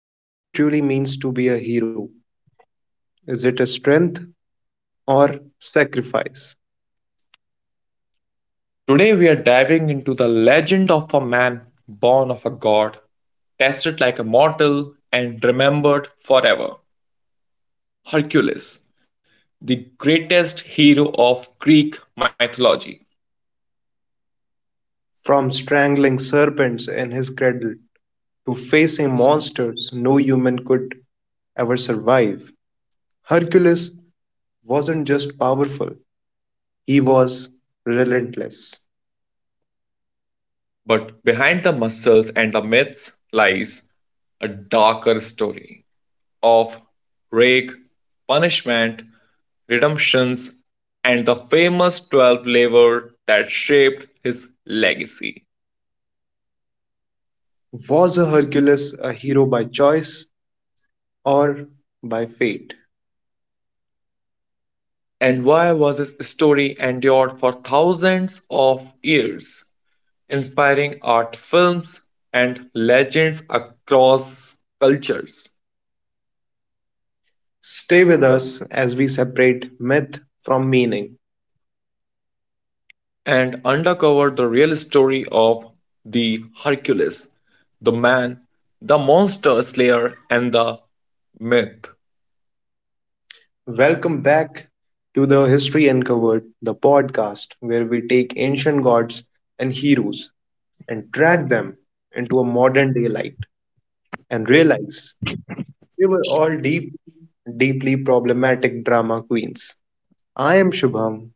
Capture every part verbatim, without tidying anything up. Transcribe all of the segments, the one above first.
What does it truly means to be a hero? Is it a strength or sacrifice? Today we are diving into the legend of a man born of a god, tested like a mortal, and remembered forever. Hercules, the greatest hero of Greek mythology. From strangling serpents in his cradle to facing monsters no human could ever survive, Hercules wasn't just powerful, he was relentless. But behind the muscles and the myths lies a darker story of rage, punishment, redemptions, and the famous twelve labor that shaped his legacy. Was a Hercules a hero by choice or by fate? And why was his story endured for thousands of years, inspiring art films and legends across cultures, Stay with us as we separate myth from meaning. and uncovered the real story of the Hercules, the man, the monster slayer, and the myth. Welcome back to the History Uncovered, the podcast where we take ancient gods and heroes and drag them into a modern day light and realize they were all deep, deeply problematic drama queens. I am Shubham.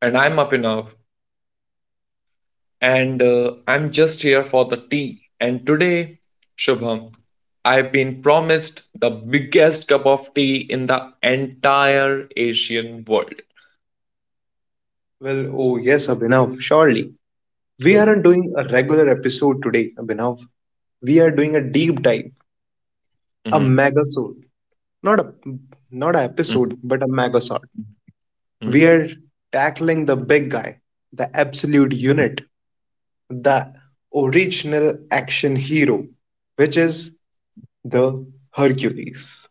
And I'm up enough. And uh, I'm just here for the tea. And today, Shubham, I've been promised the biggest cup of tea in the entire Asian world. Well, oh yes, Abhinav, surely. We aren't doing a regular episode today, Abhinav. We are doing a deep dive, Mhm, a megasode. Not a not an mhm, episode, but a megasode. mhm. We're tackling the big guy, the absolute unit, the original action hero, which is the Hercules.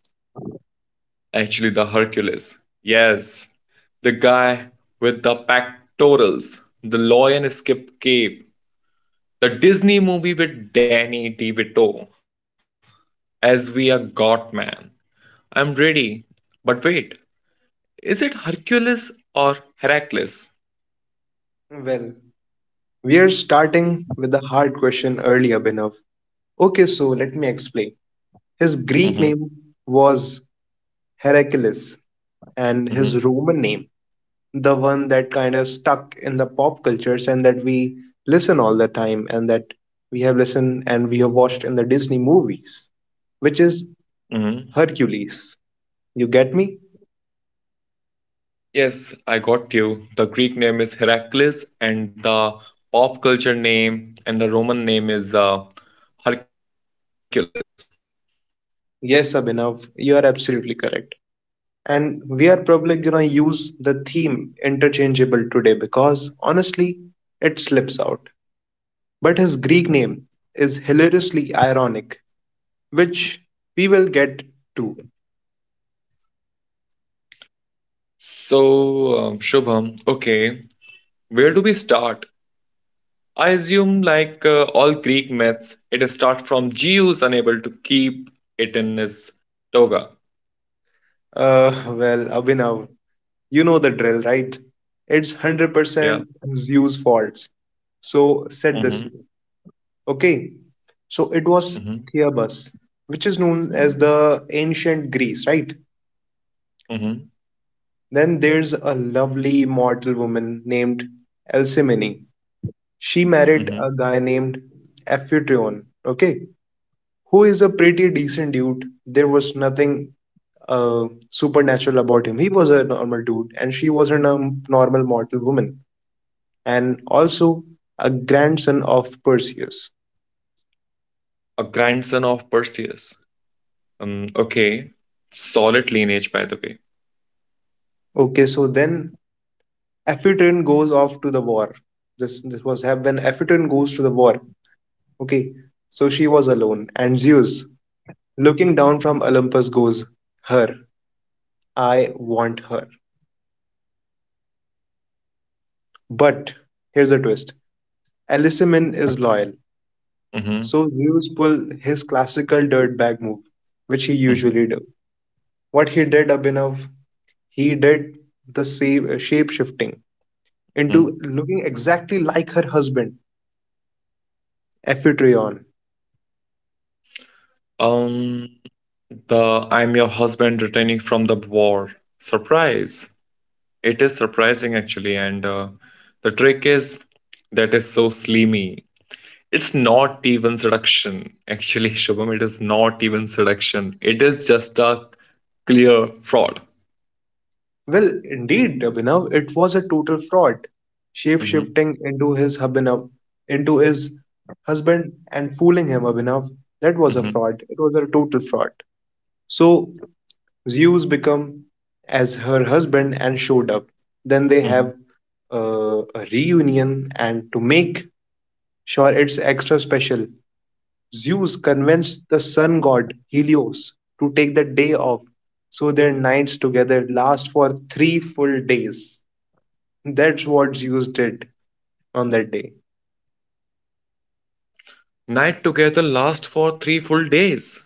Actually, the Hercules. Yes, the guy with the pectorals, the lion skip cape, the Disney movie with Danny DeVito as we are God man. I'm ready, but wait, is it Hercules or Heracles? Well, we're starting with the hard question earlier, Bhinav. Okay, so let me explain. His Greek name Mm-hmm. was Heracles, and his Roman name, hmm the one that kind of stuck in the pop cultures and that we listen all the time and that we have listened and we have watched in the Disney movies, which is hmm Hercules. You get me? Yes, I got you. The Greek name is Heracles, and the pop culture name and the Roman name is uh, Hercules. Yes, Abhinav, you are absolutely correct. And we are probably gonna use the theme interchangeable today because honestly, it slips out. But his Greek name is hilariously ironic, which we will get to. So, um, Shubham, okay, where do we start? I assume, like uh, all Greek myths, it starts from Zeus unable to keep it in his toga. Uh, well, Abhinav, you know the drill, right? It's one hundred percent Yeah. Zeus' faults. So set the scene. Mm-hmm, Okay, so it was mm-hmm, Thebes, which is known as the ancient Greece, right? mm-hmm, Then there's a lovely immortal woman named Alcmene. She mm-hmm. married a guy named Amphitryon, okay, who is a pretty decent dude. There was nothing uh, supernatural about him. He was a normal dude, and she was a norm- normal mortal woman, and also a grandson of Perseus. A grandson of Perseus. Um, okay. Solid lineage, by the way. Okay, so then Aphitryon goes off to the war. This this was hap- when Aphitryon goes to the war. Okay, so she was alone, and Zeus, looking down from Olympus, goes, "Her, I want her." But here's the twist: Alyssum is loyal, Mm-hmm, so Zeus pull his classical dirtbag move, which he mm-hmm. Mm-hmm. usually do. What he did, Abhinav, he did the shape shifting into looking exactly like her husband, Amphitryon. Um, the I'm your husband returning from the war. Surprise! It is surprising actually, and uh, the trick is that is so slimy. It's not even seduction, actually, Shubham. It is not even seduction. It is just a clear fraud. Well, indeed, Abhinav, it was a total fraud. Shape Mhm, shifting into his Abhinav, into his husband and fooling him, Abhinav. That was a mhm, fraud. It was a total fraud. So Zeus become as her husband and showed up. Then they mhm. have uh, a reunion, and to make sure it's extra special, Zeus convinced the sun god Helios to take the day off so their nights together last for three full days. That's what Zeus did on that day. Night together lasts for three full days.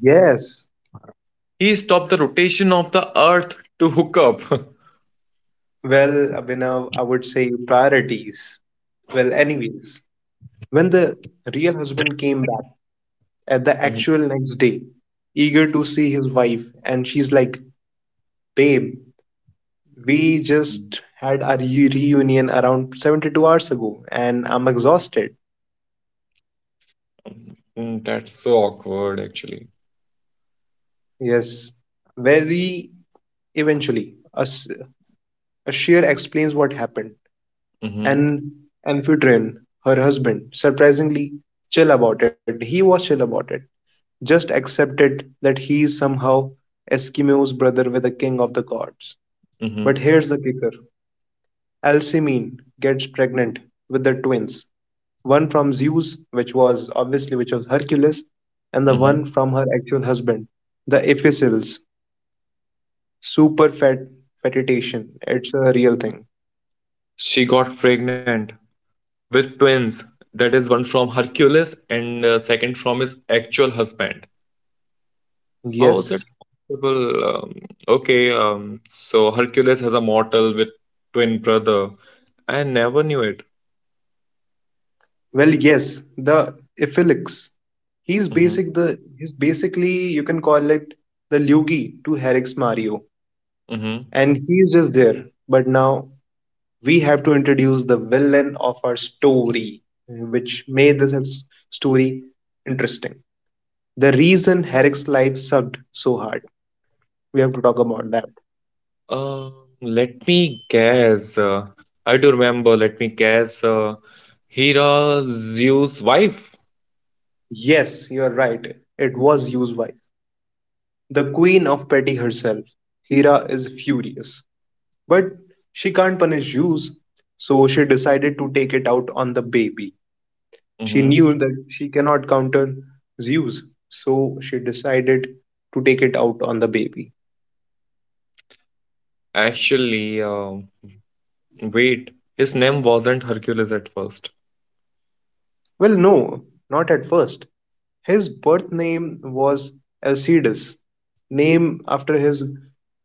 Yes. He stopped the rotation of the earth to hook up. Well, Abhinav, I would say priorities. Well, anyways, when the real husband came back at the Mhm, actual next day, eager to see his wife, and she's like, "Babe, we mhm. just had our re- reunion around seventy-two hours ago, and I'm exhausted." Mm, that's so awkward, actually. Yes, very eventually, As- Ashir explains what happened, hmm and Amphitryon, her husband, surprisingly chill about it. He was chill about it. Just accepted that he is somehow Eskimo's brother with the king of the gods. But hmm here's the kicker: Alcmene gets pregnant with the twins, one from Zeus, which was obviously which was Hercules, and the one hmm from her actual husband, the Ephesus. Super fat fetidation. It's a real thing. She got pregnant with twins. That is one from Hercules and uh, second from his actual husband. How is it Yes. possible? Um, okay, um, so Hercules has a mortal with twin brother. I never knew it. Well, yes. The Iphilix. He's Mm-hmm. basic the he's basically you can call it the Luigi to Herrick's Mario. Mm-hmm. And he's just there. But now we have to introduce the villain of our story, which made this s- story interesting. The reason Herrick's life sucked so hard. We have to talk about that. Uh, let me guess. Uh, I do remember. Let me guess. Uh, Hera, Zeus' wife. Yes, you're right. It was used by. The queen of petty herself, Hera is furious, but she can't punish Zeus, so she decided to take it out on the baby. She Mm-hmm. knew that she cannot counter Zeus, so she decided to take it out on the baby. Actually, um, wait. His name wasn't Hercules at first. Well, no, not at first. His birth name was Alcides, named after his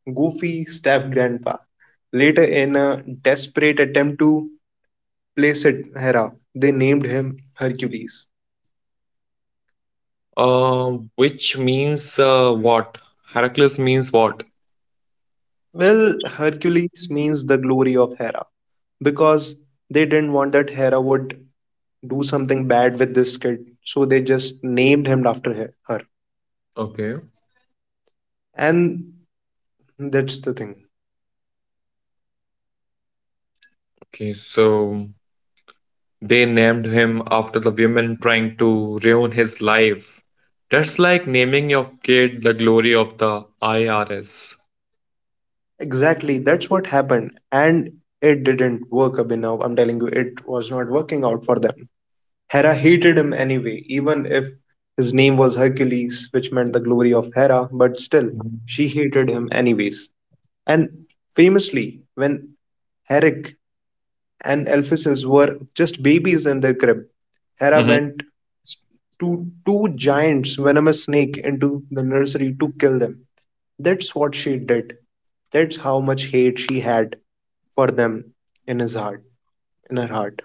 goofy step grandpa. Later, in a desperate attempt to place Hera, they named him Hercules. Uh, which means uh, what? Heracles means what? Well, Hercules means the glory of Hera because they didn't want that Hera would do something bad with this kid, so they just named him after he- her. Okay. And that's the thing. Okay, so they named him after the women trying to ruin his life. That's like naming your kid the glory of the I R S. Exactly, that's what happened. And it didn't work, Abhinav. I'm telling you, it was not working out for them. Hera hated him anyway, even if his name was Hercules, which meant the glory of Hera, but still, she hated him anyways. And famously, when Herrick and Alpheus were just babies in their crib, Hera went to two giants venomous snake into the nursery to kill them. That's what she did. That's how much hate she had for them in his heart, in her heart.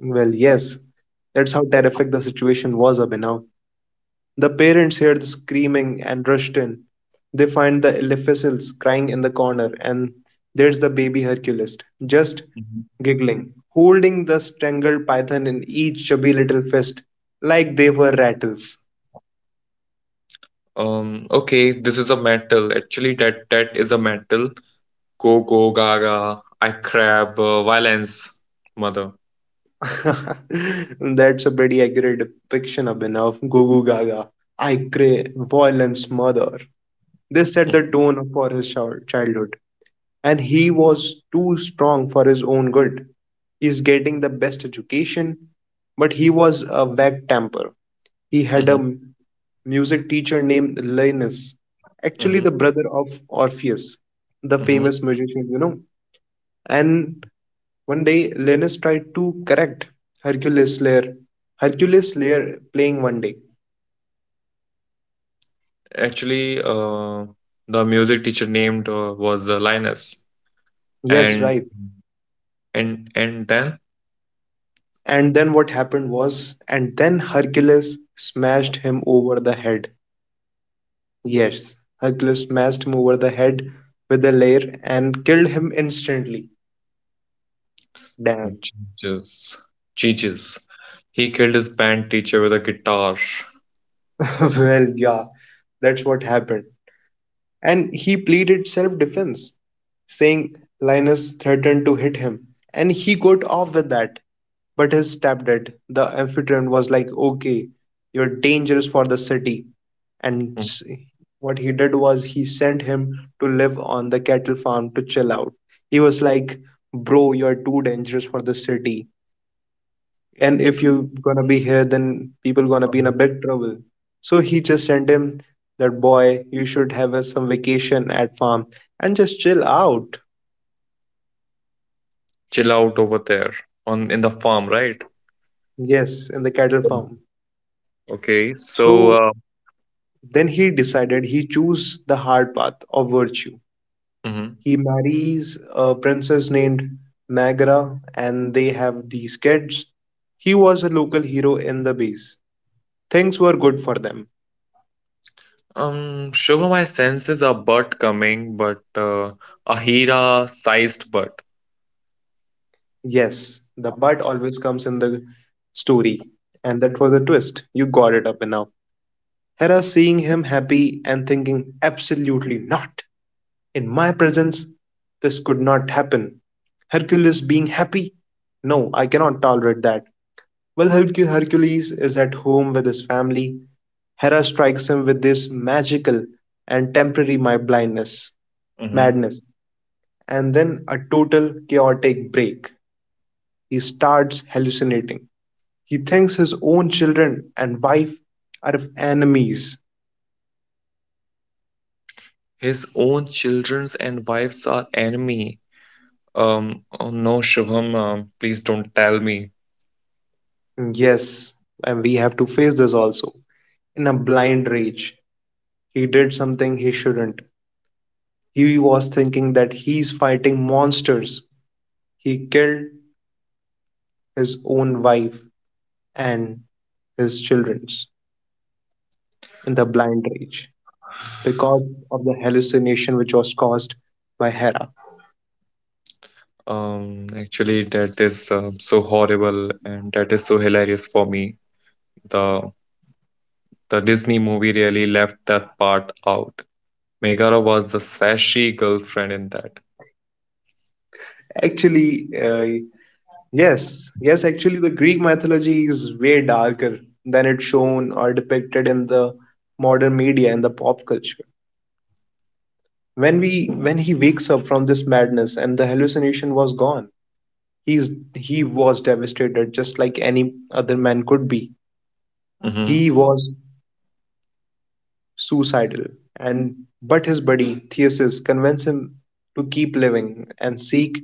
Well, yes, that's how terrific the situation was, Abhinav. The parents hear the screaming and rushed in. They find the Elephasils crying in the corner, and there's the baby Hercules, just Mhm. giggling, holding the strangled python in each chubby little fist like they were rattles. Um, okay, this is a metal. Actually, that that is a metal. Go go gaga. I crab uh, violence, mother. That's a pretty accurate depiction, Abhinav, of Gugu Gaga. I crave violence, mother. This set the Mm-hmm, tone for his childhood, and he was too strong for his own good. He's getting the best education, but he was a wag temper. He had a mm-hmm, m- music teacher named Linus, actually mm-hmm. the brother of Orpheus, the Mm-hmm. famous musician, you know. And one day, Linus tried to correct Hercules Slayer. Hercules Slayer playing one day. Actually, uh, the music teacher named uh, was uh, Linus, Yes, and right. and and then And then what happened was, and then Hercules smashed him over the head. Yes, Hercules smashed him over the head with a lair and killed him instantly. Damn. Jesus, Jesus, he killed his band teacher with a guitar. Well, yeah, that's what happened, and he pleaded self defense, saying Linus threatened to hit him, and he got off with that. But his stepdad, the amphitryon, was like, "Okay, you're dangerous for the city." And Mm. s- what he did was he sent him to live on the cattle farm to chill out. He was like, "Bro, you're too dangerous for the city, and if you gonna be here then people gonna be in a big trouble." So he just sent him, "That boy you should have a, some vacation at farm and just chill out." Chill out over there on in the farm, right? Yes, in the cattle Mm. farm. Okay, so So uh, then he decided he choose the hard path of virtue. mhm. He marries a princess named Magra, and they have these kids. He was a local hero in the base. Things were good for them. Um, Shubha, my senses a butt coming, but uh, a Hira-sized butt. Yes, the but always comes in the story, and that was a twist. You got it up and now. Hera seeing him happy and thinking, absolutely not. In my presence, this could not happen. Hercules being happy? No, I cannot tolerate that. While Hercu- Hercules is at home with his family, Hera strikes him with this magical and temporary my blindness, hmm madness, and then a total chaotic break. He starts hallucinating. He thinks his own children and wife are enemies. His own children's and wives are enemy. Um, oh no, Shubham, um, please don't tell me. Yes, and we have to face this also. In a blind rage, he did something he shouldn't. He was thinking that he's fighting monsters. He killed his own wife and his children in the blind rage because of the hallucination which was caused by Hera. Um, actually, that is um so horrible and that is so hilarious for me. The the Disney movie really left that part out. Megara was the sassy girlfriend in that. Actually, uh, Yes, yes, actually, the Greek mythology is way darker than it's shown or depicted in the modern media and the pop culture. When we when he wakes up from this madness and the hallucination was gone, he's he was devastated just like any other man could be. Mm-hmm. He was suicidal, and but his buddy Theseus convinces him to keep living and seek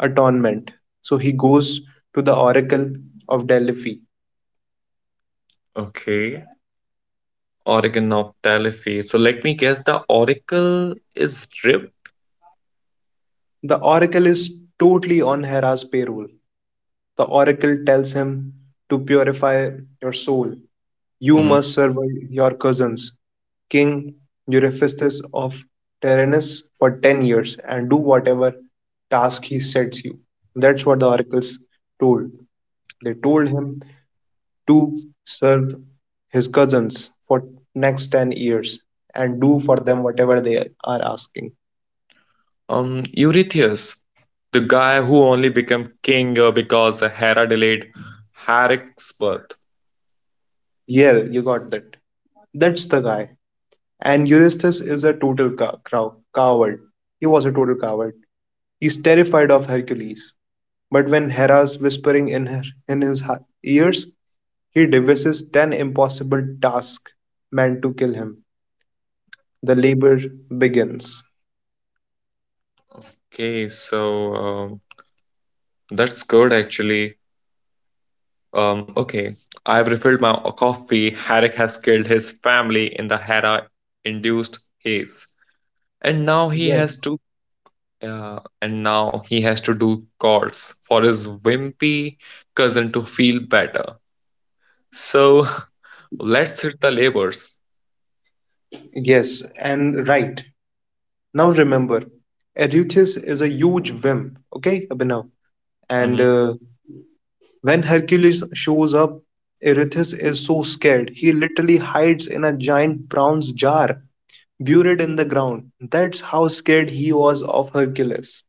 atonement. So he goes to the oracle of Delphi. Okay. Oracle of Delphi. So let me guess the Oracle is Rip. The oracle is totally on Hera's payroll. The oracle tells him to purify your soul. You hmm must survive your cousins, King Eurystheus of Tyrannus, for ten years and do whatever task he sets you. That's what the oracles told. They told him to serve his cousins for next ten years and do for them whatever they are asking. Um, Eurystheus, the guy who only became king uh, because Hera delayed Herac's birth. Yeah, you got that. That's the guy. And Eurystheus is a total cow- crow- coward. He was a total coward. He's terrified of Hercules. But when Hera's whispering in, her, in his ha- ears, he devises ten impossible tasks meant to kill him. The labor begins. Okay, so um, that's good actually. Um, okay, I've refilled my coffee. Herrick has killed his family in the Hera-induced haze, and now he has Yes. to uh, and now he has to do calls for his wimpy cousin to feel better. So let's hit the labors. Yes, and right. Now remember, Eurystheus is a huge wimp, okay, Abhinav? And hmm uh, When Hercules shows up, Eurystheus is so scared, he literally hides in a giant bronze jar buried in the ground. That's how scared he was of Hercules.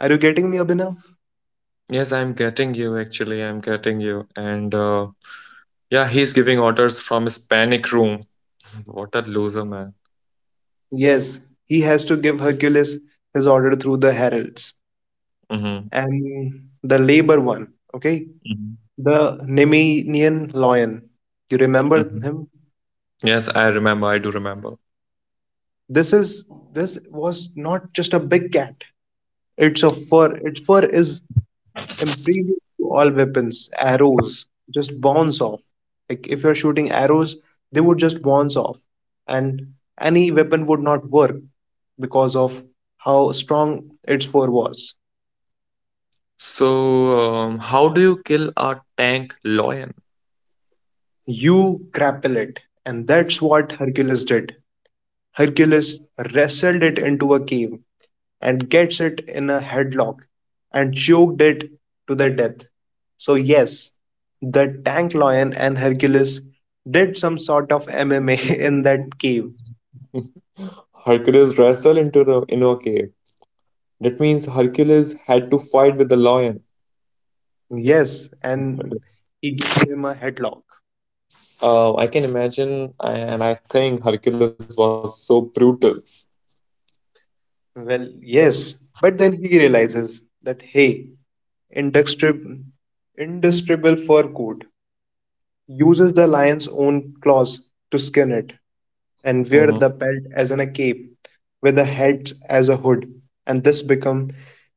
Are you getting me, Abhinav? Yes, I'm getting you actually. I'm getting you, and uh, yeah, he's giving orders from his panic room. What a loser, man. Yes, he has to give Hercules his order through the heralds, hmm and the labor one, okay? The Nemean lion. You remember hmm him? Yes, I remember. I do remember. This is this was not just a big cat. It's a fur. Its fur is imprevious to all weapons, arrows just bounce off. Like if you're shooting arrows, they would just bounce off, and any weapon would not work because of how strong its fur was. So, um, how do you kill a tank lion? You grapple it, and that's what Hercules did. Hercules wrestled it into a cave, and gets it in a headlock and choked it to the death. So, yes, the tank lion and Hercules did some sort of M M A in that cave. Hercules wrestled into the inner cave. That means Hercules had to fight with the lion. Yes, and Yes. he gave him a headlock. Uh, I can imagine, and I think Hercules was so brutal. Well, yes, but then he realizes that hey, indestructible, indestructible fur coat uses the lion's own claws to skin it, and wear Mhm. the belt as in a cape with the heads as a hood, and this become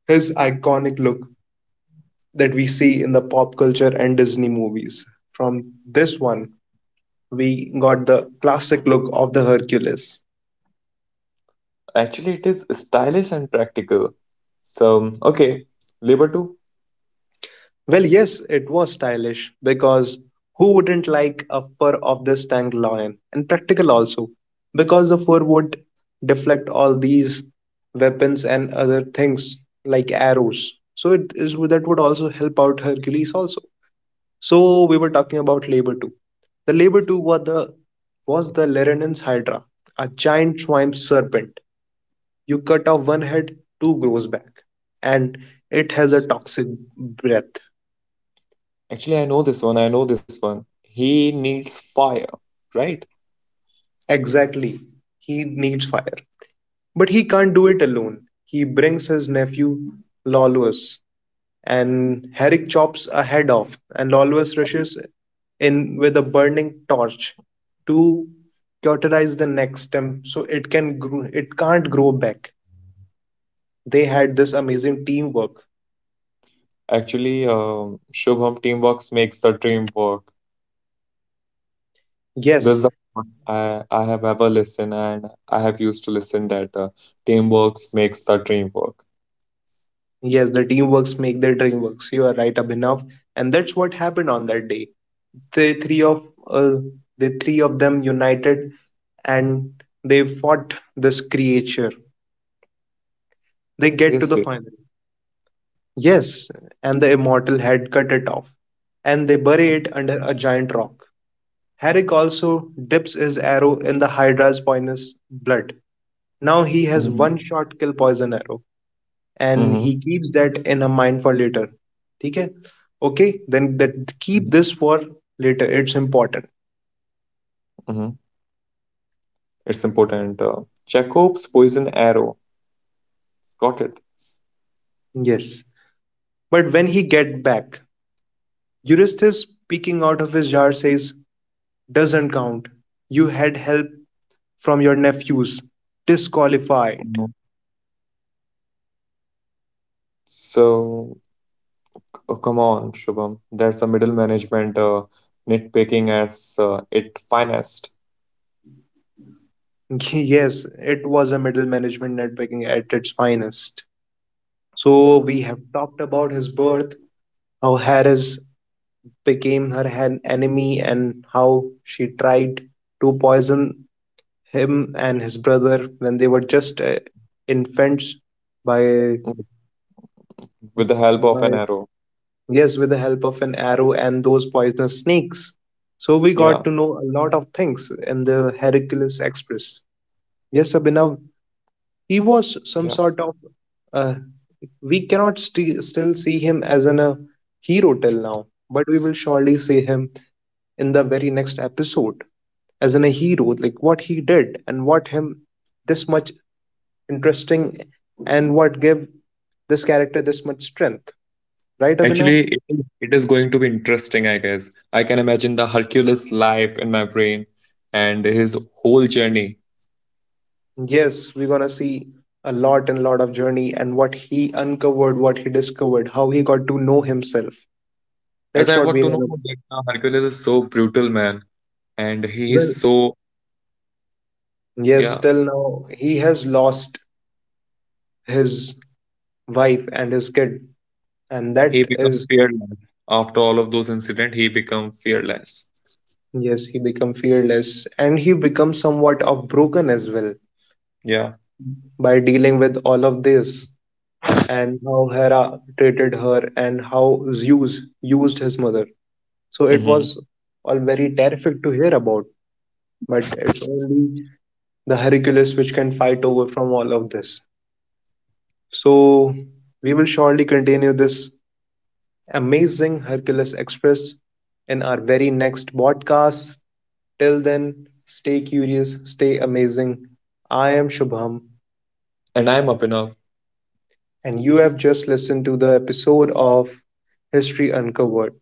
his iconic look that we see in the pop culture and Disney movies. From this one, we got the classic look of the Hercules. Actually, it is stylish and practical. So, okay, Labor two. Well, yes, it was stylish because who wouldn't like a fur of this tank lion? And practical also because the fur would deflect all these weapons and other things like arrows. So it is that would also help out Hercules also. So we were talking about Labor two. The Labor two was the was the Larenance Hydra, a giant swamp serpent. You cut off one head, two grows back, and it has a toxic breath. Actually, I know this one. I know this one. He needs fire, right? Exactly. He needs fire. But he can't do it alone. He brings his nephew Lawless, and Herrick chops a head off, and Lawless rushes in with a burning torch to cauterize the neck stem so it can grow, it can't grow back. They had this amazing teamwork. Actually, um, Shubham, teamwork makes the dream work. This is Yes, the point I, I have ever listened and I have used to listen that uh, teamwork makes the dream work. yes, the teamworks make their dream works. You are right, Abhinav, and that's what happened on that day. The three of uh, the three of them united and they fought this creature. They get to Seriously. the final. Yes, and the immortal head cut it off, and they bury it under a giant rock. Herrick also dips his arrow in the Hydra's poisonous blood. Now he has one Mm-hmm. shot kill poison arrow, and he Mm-hmm. keeps that in a mind for later. Okay, okay, then that keep this for later. It's important. Mm-hmm. It's important. Uh, Jacob's poison arrow. Got it. Yes, but when he get back, Eurystheus, peeking out of his jar, says, "Doesn't count. You had help from your nephews. Disqualified." Mhm. So, c- come on, Shubham. That's a middle management uh, nitpicking as uh, it finest Yes, it was a middle management networking at its finest. So we have talked about his birth, how Harris became her an enemy, and how she tried to poison him and his brother when they were just uh, infants by with the by help of an arrow. yes, with the help of an arrow and those poisonous snakes. So we Yeah, got to know a lot of things in the Hercules Express. Yes, Abhinav, he yeah. was some sort of. Uh, we cannot st- still see him as an a hero till now, but we will surely see him in the very next episode as in a hero, like what he did and what him this much interesting and what gave this character this much strength. Right, Actually, Abhinav? it is, it is going to be interesting, I guess. I can imagine the Hercules life in my brain and his whole journey. Yes, we're gonna see a lot and lot of journey and what he uncovered, what he discovered, how he got to know himself. As That's I what got we're to know gonna. that uh, Hercules is so brutal, man, and he Well, is so, yes, yeah, till now he has lost his wife and his kid, and he that become is fearless. After all of those incidents, he become fearless. yes, he become fearless and he becomes somewhat of broken as well Yeah. by dealing with all of this and how Hera treated her and how Zeus used his mother. So it Mm-hmm. was all very terrific to hear about, but it's only the Hercules which can fight over from all of this. So we will surely continue this amazing Hercules Express in our very next podcast. Till then, stay curious, stay amazing. I am Shubham, And I'm up enough. and you have just listened to the episode of History Uncovered.